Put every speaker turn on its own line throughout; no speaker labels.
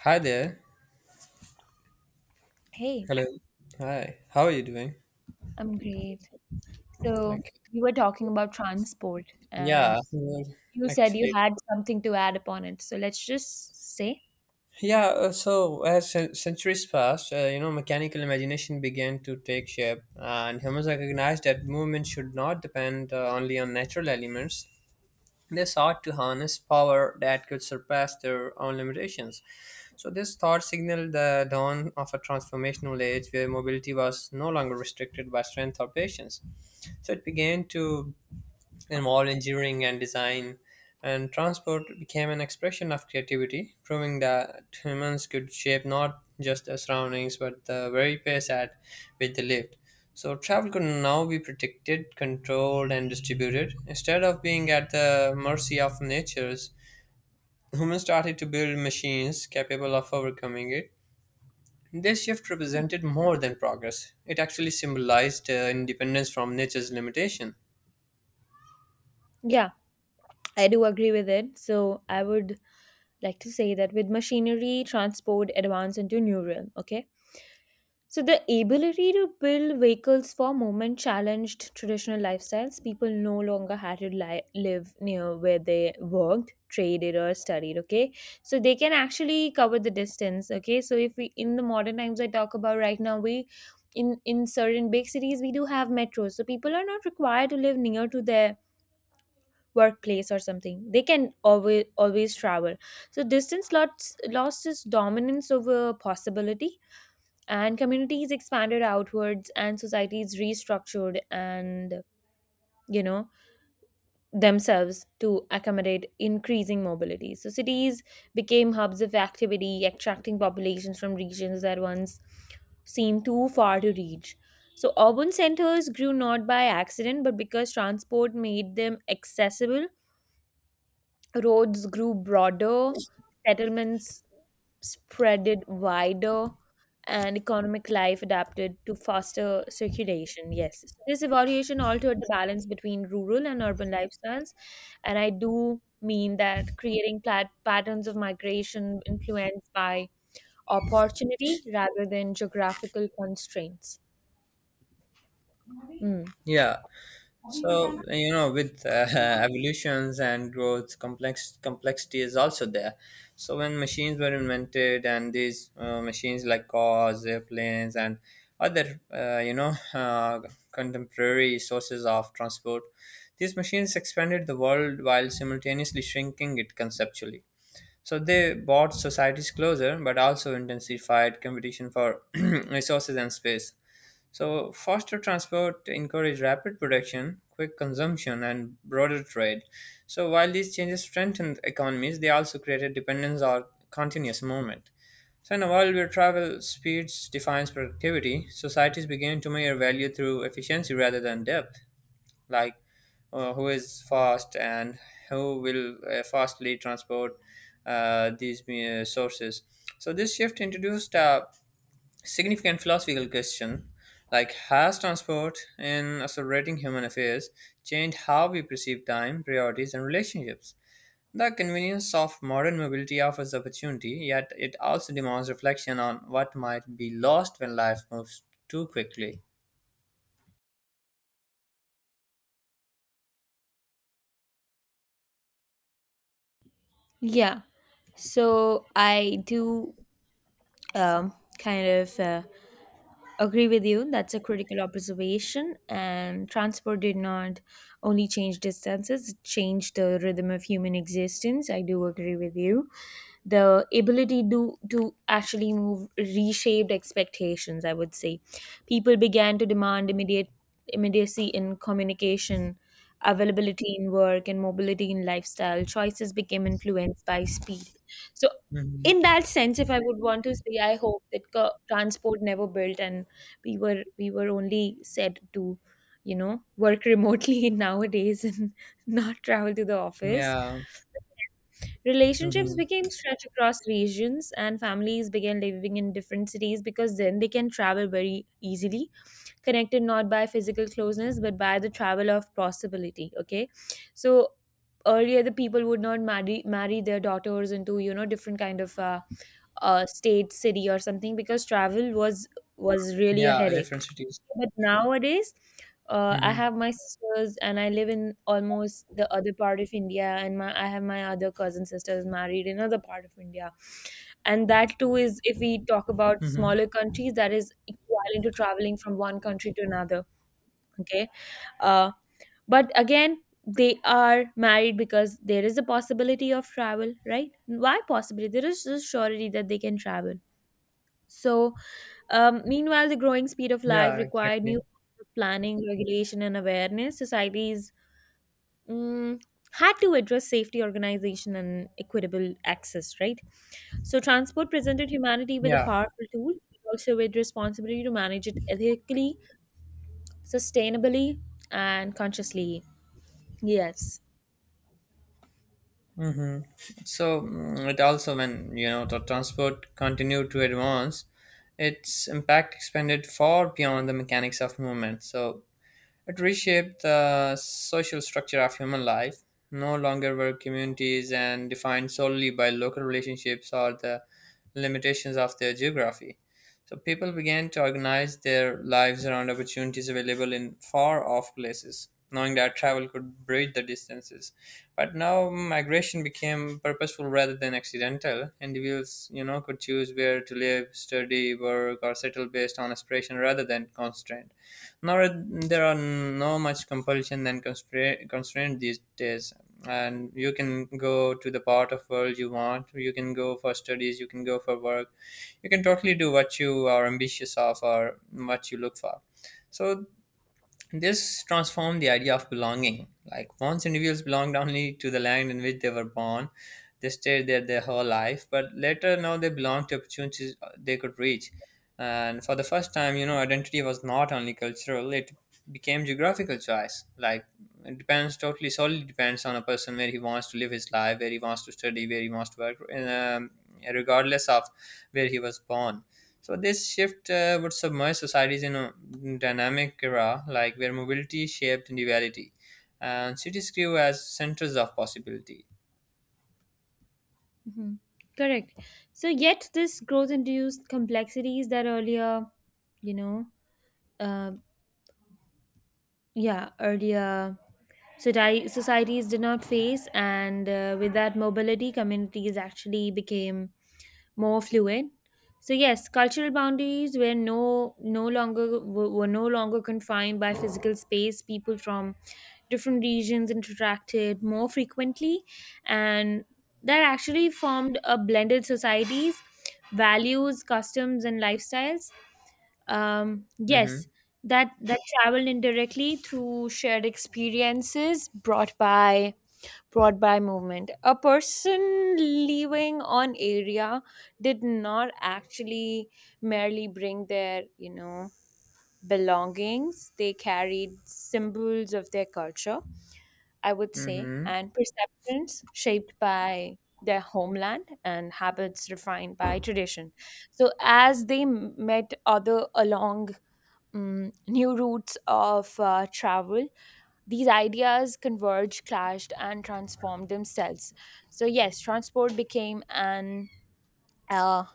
Hi there.
Hey,
Hello. Hi. How are you doing?
I'm great. So
Okay.
you were talking about transport and
Yeah.
you said you
Actually.
had something to add upon it. So let's just say,
Yeah. So as centuries passed, mechanical imagination began to take shape, and humans recognized that movement should not depend only on natural elements. They sought to harness power that could surpass their own limitations. So this thought signaled the dawn of a transformational age where mobility was no longer restricted by strength or patience. So it began to involved engineering and design, and transport became an expression of creativity, proving that humans could shape not just their surroundings but the very pace at which they lived. So, travel could now be predicted, controlled, and distributed. Instead of being at the mercy of nature's, humans started to build machines capable of overcoming it. This shift represented more than progress, it actually symbolized independence from nature's limitation.
yeah, I do agree with it. So I would like to say that with machinery, transport advanced into new realm, okay? So the ability to build vehicles for movement challenged traditional lifestyles. People no longer had to live near where they worked, traded, or studied. Okay, so they can actually cover the distance. Okay, so if we in the modern times I talk about right now, we in certain big cities we do have metros, so people are not required to live near to their workplace or something. They can always travel. So distance lost its dominance over possibility, and communities expanded outwards and societies restructured and you know themselves to accommodate increasing mobility. So cities became hubs of activity, attracting populations from regions that once seemed too far to reach. So urban centers grew not by accident but because transport made them accessible. Roads grew broader, settlements spreaded wider, and economic life adapted to faster circulation. Yes, so this evaluation altered the balance between rural and urban lifestyles, and I do mean that, creating patterns of migration influenced by opportunity rather than geographical constraints. Mm.
Yeah. So you know, with evolutions and growth, complexity is also there. So when machines were invented, and these machines like cars, airplanes, and other contemporary sources of transport, these machines expanded the world while simultaneously shrinking it conceptually. So they brought societies closer, but also intensified competition for resources and space. So, faster transport encouraged rapid production, quick consumption, and broader trade. So, while these changes strengthened economies, they also created dependence on continuous movement. So, in a world where travel speeds defines productivity, societies began to measure value through efficiency rather than depth, like who is fast and who will fastly transport these sources. So, this shift introduced a significant philosophical question, like, has transport in accelerating human affairs changed how we perceive time priorities and relationships? The convenience of modern mobility offers opportunity, yet it also demands reflection on what might be lost when life moves too quickly.
Yeah, so I do um, kind of agree with you. That's a critical observation. And transport did not only change distances, it changed the rhythm of human existence. I do agree with you. The ability to actually move reshaped expectations, I would say. People began to demand immediate immediacy in communication, availability in work, and mobility in lifestyle. Choices became influenced by speed. So in
Hmm.
that sense, if I would want to say, I hope that transport never built an we were only said to work remotely nowadays and not travel to the office.
Yeah.
Relationships
Hmm.
became stretched across regions, and families began living in different cities because then they can travel very easily, connected not by physical closeness but by the travel of possibility. Okay, so earlier the people would not marry their daughters into different kind of state, city or something because travel was really a
Yeah, different
headache.
cities.
But nowadays, I
Hmm.
have my sisters and I live in almost the other part of India, and my I have my other cousin sisters married in other part of India, and that too is, if we talk about
Hmm.
smaller countries, that is equivalent to traveling from one country to another. Okay, uh, but again, they are married because there is a possibility of travel, right? Why possibility? There is a surety that they can travel. So, meanwhile, the growing speed of life
Yeah,
required new
exactly.
forms of planning, regulation, and awareness. Societies mm, had to address safety, organization, and equitable access, right? So, transport presented humanity with a
Yeah.
powerful tool, but also with responsibility to manage it ethically, sustainably, and consciously. Yes.
Hmm. So, mm, it also, when you know the transport continued to advance, its impact expanded far beyond the mechanics of movement. So it reshaped the social structure of human life. No longer were communities and defined solely by local relationships or the limitations of their geography. So people began to organize their lives around opportunities available in far off places, knowing that travel could bridge the distances. But now migration became purposeful rather than accidental. Individuals, you know, could choose where to live, study, work, or settle based on aspiration rather than constraint. Now there are no much compulsion and constraint these days, and you can go to the part of world you want. You can go for studies. You can go for work. You can totally do what you are ambitious of or what you look for. So this transformed the idea of belonging. Like, once individuals belonged only to the land in which they were born, they stayed there their whole life. But later, now they belonged to opportunities they could reach. And for the first time, you know, identity was not only cultural; it became geographical choice. Like, it depends totally, solely depends on a person where he wants to live his life, where he wants to study, where he wants to work, and, regardless of where he was born. So this shift would submerge societies in a dynamic era, like where mobility shaped individuality, and cities grew as centers of possibility.
Hmm. Correct. So, yet this growth induced complexities that earlier, you know, uh, yeah, earlier societies did not face. And with that mobility, communities actually became more fluid. So yes, cultural boundaries were no no longer were no longer confined by physical space. People from different regions interacted more frequently, and that actually formed a blended societies, values, customs and lifestyles.
Mm-hmm.
Yes, that traveled indirectly through shared experiences brought by movement. A person living on area did not actually merely bring their belongings; they carried symbols of their culture, I would say,
Mm-hmm.
and perceptions shaped by their homeland, and habits refined by tradition. So as they met other along new routes of travel, these ideas converged, clashed, and transformed themselves. So yes, transport became uh,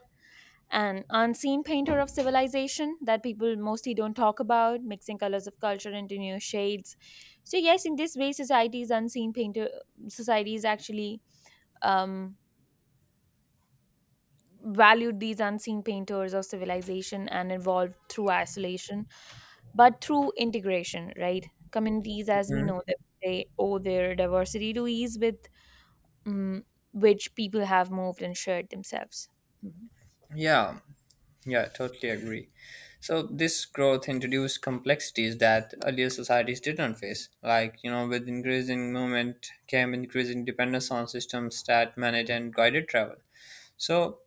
an unseen painter of civilization that people mostly don't talk about, mixing colors of culture into new shades. So yes, in this way, society's unseen painter societies actually um, valued these unseen painters of civilization, and evolved through isolation but through integration, right? Communities, as we
Mm-hmm.
know them, they owe their diversity to ease with mm which people have moved and shared themselves. Mhm.
Yeah, yeah, totally agree. So this growth introduced complexities that earlier societies didn't face. Like, you know, with increasing movement came increasing dependence on systems that manage and guided travel. So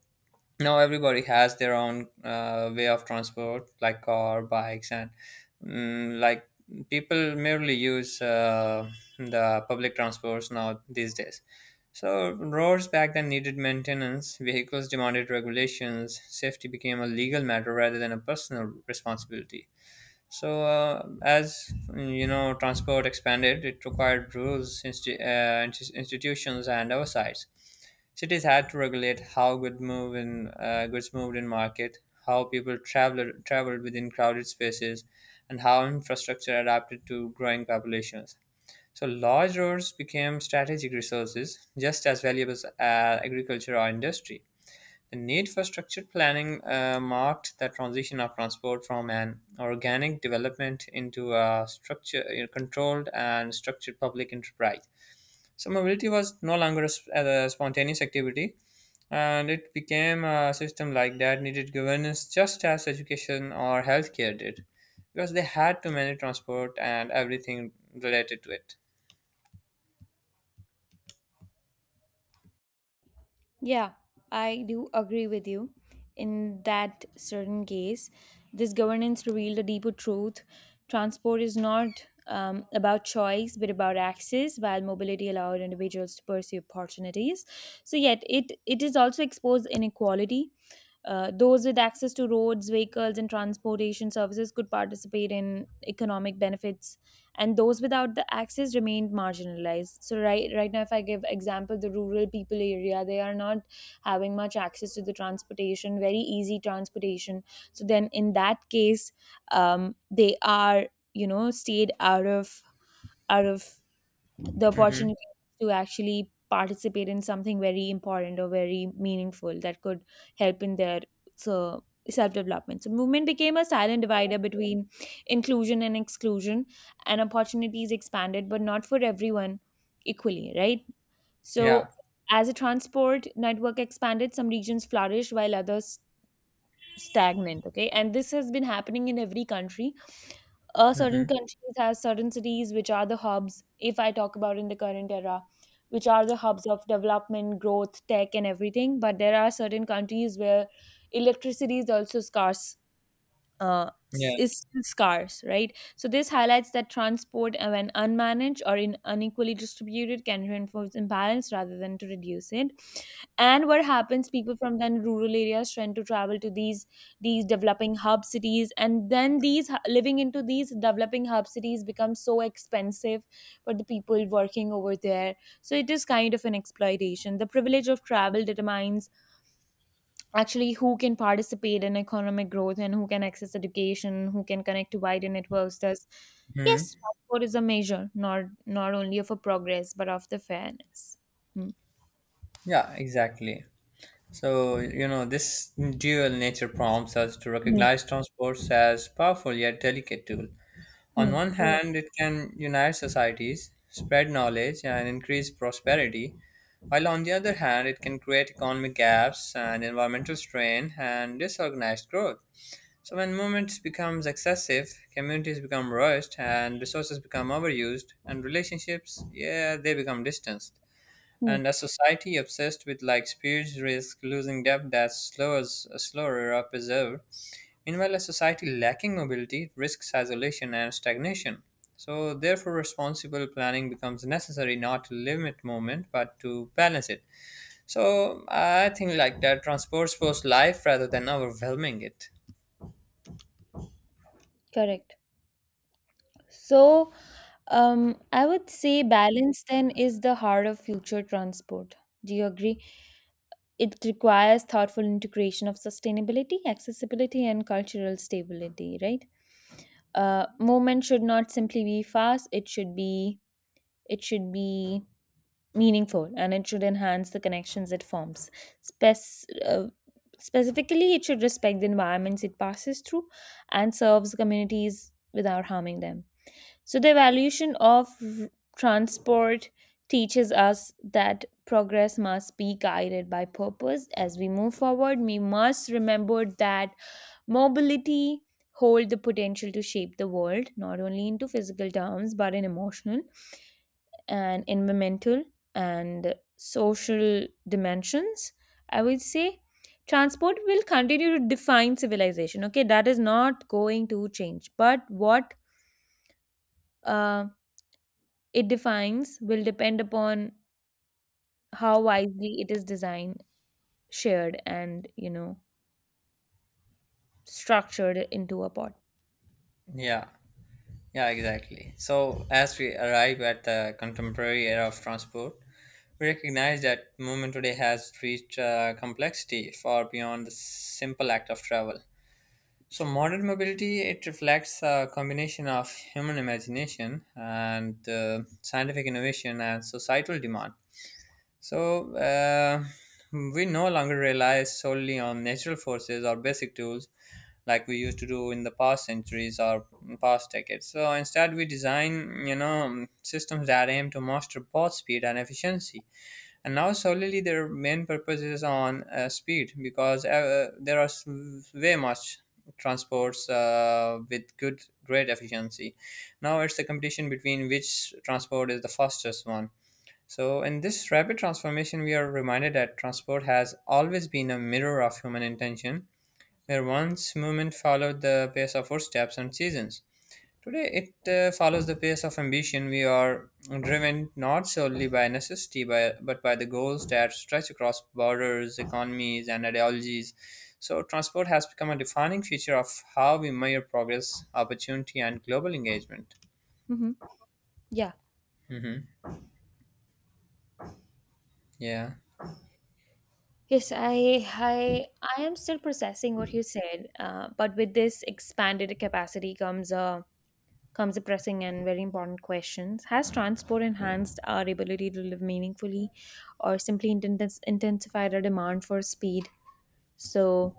now everybody has their own way of transport like car bikes and, mm, like, people merely use the public transports now these days. So roads back then needed maintenance, vehicles demanded regulations, safety became a legal matter rather than a personal responsibility. So, as you know, transport expanded, it required rules, institutions, and oversights. Cities had to regulate how goods moved in market, how people traveled within crowded spaces, and how infrastructure adapted to growing populations. So, large roads became strategic resources, just as valuable as agriculture or industry. The need for structured planning marked the transition of transport from an organic development into a controlled and structured public enterprise. So, mobility was no longer a, a spontaneous activity, and it became a system like that needed governance just as education or healthcare did, because they had to manage transport and everything related to it.
Yeah, I do agree with you. In that certain case, this governance revealed a deeper truth. Transport is not about choice, but about access, while mobility allowed individuals to pursue opportunities. So, yet, it is also exposed inequality. Those with access to roads, vehicles, and transportation services could participate in economic benefits, and those without the access remained marginalized. So right now, if I give example, the rural people area, they are not having much access to the transportation, very easy transportation. So then, in that case, they are stayed out of the
Hmm.
opportunity to actually participate in something very important or very meaningful that could help in their self development. So movement became a silent divider between inclusion and exclusion, and opportunities expanded, but not for everyone equally, right?
Yeah.
So as a transport network expanded, some regions flourished while others stagnant. Okay, and this has been happening in every country. Certain
Hmm.
countries has certain cities which are the hubs, if I talk about in the current era, which are the hubs of development, growth, tech and everything, but there are certain countries where electricity is also scarce,
Yeah.
is still scarce, right? So this highlights that transport, when unmanaged or in unequally distributed, can reinforce imbalance rather than to reduce it. And what happens? People from then rural areas tend to travel to these developing hub cities, and then living into these developing hub cities becomes so expensive for the people working over there. So it is kind of an exploitation. The privilege of travel determines actually who can participate in economic growth, and who can access education, who can connect to wider networks. Thus,
Hmm.
yes, transport is a measure not only of a progress but of the fairness. Hmm.
Yeah, exactly. So, you know, this dual nature prompts us to
Hmm.
recognize transports as powerful yet delicate tool. On
Hmm.
one hand,
Correct.
it can unite societies, spread knowledge, and increase prosperity, while on the other hand, it can create economic gaps and environmental strain and disorganized growth. So, when movement becomes excessive, communities become rushed, and resources become overused, and relationships, yeah, they become distant.
Hmm.
And a society obsessed with like speeds risk losing depth that slows slower or preserved. Meanwhile, a society lacking mobility risks isolation and stagnation. So, therefore, responsible planning becomes necessary not to limit movement but to balance it. So, I think like that transports post life rather than overwhelming it.
Correct. So, I would say balance then is the heart of future transport. Do you agree? It requires thoughtful integration of sustainability, accessibility, and cultural stability, right? Movement should not simply be fast, it should be meaningful, and it should enhance the connections it forms. Spec- uh, Specifically, it should respect the environments it passes through and serves communities without harming them. So, the evaluation of transport teaches us that progress must be guided by purpose. As we move forward, we must remember that mobility hold the potential to shape the world not only into physical terms but in emotional and environmental and social dimensions, I would say. Transport will continue to define civilization, okay? That is not going to change, but what uh, it defines will depend upon how wisely it is designed, shared and structured into a pot.
Yeah. Yeah, exactly. So, as we arrive at the contemporary era of transport, we recognize that movement today has reached complexity far beyond the simple act of travel. So, modern mobility it reflects a combination of human imagination and scientific innovation and societal demand. So, we no longer rely solely on natural forces or basic tools like we used to do in the past centuries or past decades. So, instead, we design, you know, systems that aim to master both speed and efficiency. And now, solely their main purpose is on speed, because there are way much transports with good, great efficiency. Now, it's the competition between which transport is the fastest one. So, in this rapid transformation, we are reminded that transport has always been a mirror of human intention, where once movement followed the pace of footsteps and seasons. Today, it follows the pace of ambition. We are driven not solely by necessity, by, but by the goals that stretch across borders, economies, and ideologies. So, transport has become a defining feature of how we measure progress, opportunity, and global engagement.
Mm-hmm. Yeah.
Hmm. Yeah.
Yes, I am still processing what you said. But with this expanded capacity comes a pressing and very important questions. Has transport enhanced our ability to live meaningfully, or simply intensified our demand for speed? So,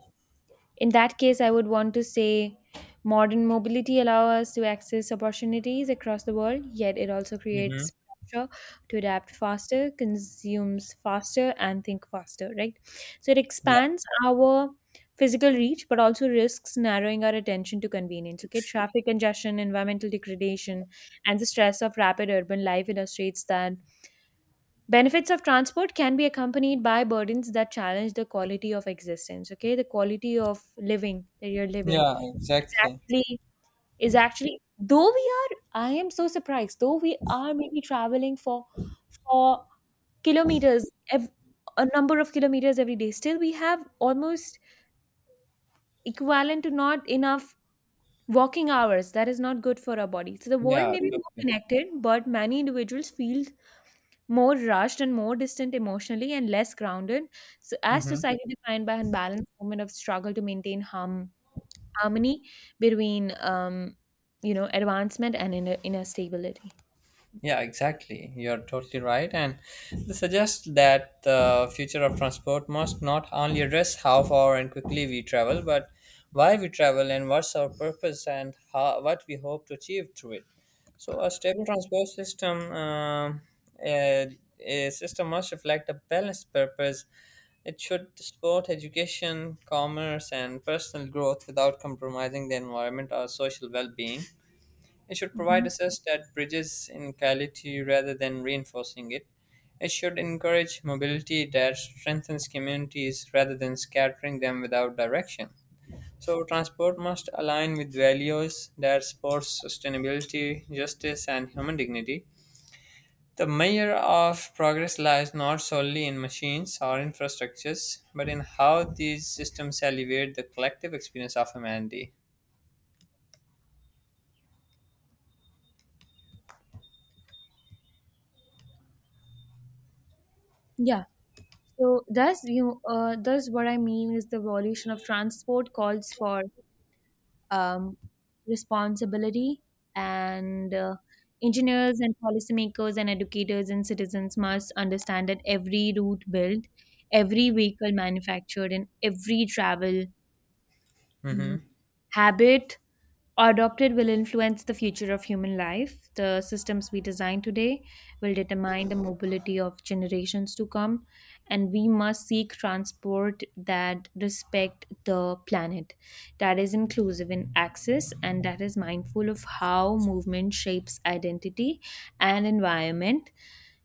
in that case, I would want to say modern mobility allows us to access opportunities across the world, yet it also creates
Hmm.
pressure to adapt faster, consumes faster, and think faster, right? So, it
Yeah.
expands our physical reach but also risks narrowing our attention to convenience. Okay, traffic congestion, environmental degradation and the stress of rapid urban life illustrates that benefits of transport can be accompanied by burdens that challenge the quality of existence. Okay, the quality of living that you're living
Yeah,
is
exactly.
actually though we are, I am so surprised. Though we are maybe traveling for for kilometers, a number of kilometers every day, still, we have almost equivalent to not enough walking hours. That is not good for our body. So the world
Yeah,
may be more
totally.
connected, but many individuals feel more rushed and more distant emotionally and less grounded. So as
Hmm.
society defined by unbalanced moment of struggle to maintain harmony between advancement and inner stability.
Yeah, exactly. You're totally right. And they suggest that the future of transport must not only address how far and quickly we travel, but why we travel and what's our purpose and how, what we hope to achieve through it. So, a stable transport system, um, a system must reflect a balanced purpose. It should support education, commerce, and personal growth without compromising the environment or social well-being. It should
Mhm.
provide access that bridges inequality rather than reinforcing it. It should encourage mobility that strengthens communities rather than scattering them without direction. So, transport must align with values that support sustainability, justice, and human dignity. The measure of progress lies not solely in machines or infrastructures, but in how these systems elevate the collective experience of humanity.
Yeah, so thus you thus what I mean is the evolution of transport calls for um, responsibility, and engineers and policymakers and educators and citizens must understand that every route built, every vehicle manufactured and every travel
Mhm.
habit adopted will influence the future of human life. The systems we design today will determine the mobility of generations to come, and we must seek transport that respect the planet, that is inclusive in access, and that is mindful of how movement shapes identity and environment.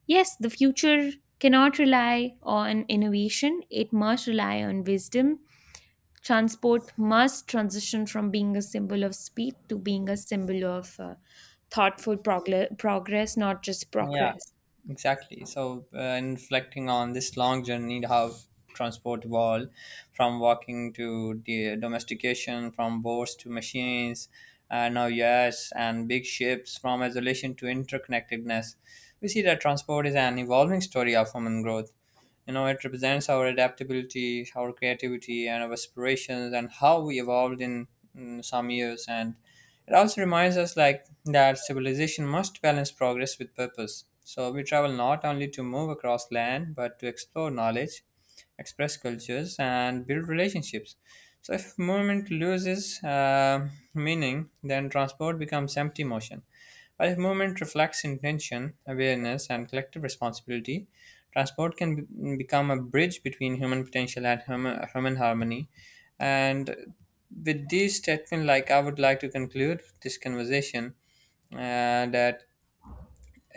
Yes, the future cannot rely on innovation; it must rely on wisdom. Transport must transition from being a symbol of speed to being a symbol of thoughtful progress, not just
Yeah,
progress.
exactly. So, and reflecting on this long journey, how transport evolved from walking to the domestication, from boats to machines, and now yes, and big ships, from isolation to interconnectedness. We see that transport is an evolving story of human growth. You know, it represents our adaptability, our creativity, and our aspirations, and how we evolved in some years, and it also reminds us like that civilization must balance progress with purpose. So we travel not only to move across land but to explore knowledge, express cultures and build relationships. So if movement loses meaning, then transport becomes empty motion. While if movement reflects intention, awareness, and collective responsibility, transport can become a bridge between human potential and human harmony. And with these statement, like, I would like to conclude this conversation, that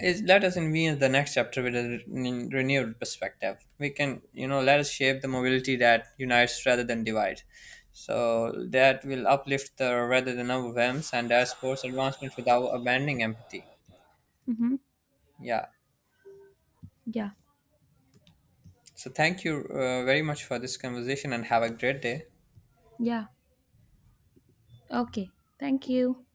is, let us envision the next chapter with a renewed perspective. We can, you know, let us shape the mobility that unites rather than divides. So that will uplift the rather than overwhelms and our sports advancement without abandoning empathy.
Hmm.
Yeah.
Yeah.
So thank you very much for this conversation and have a great day.
Yeah. Okay. Thank you.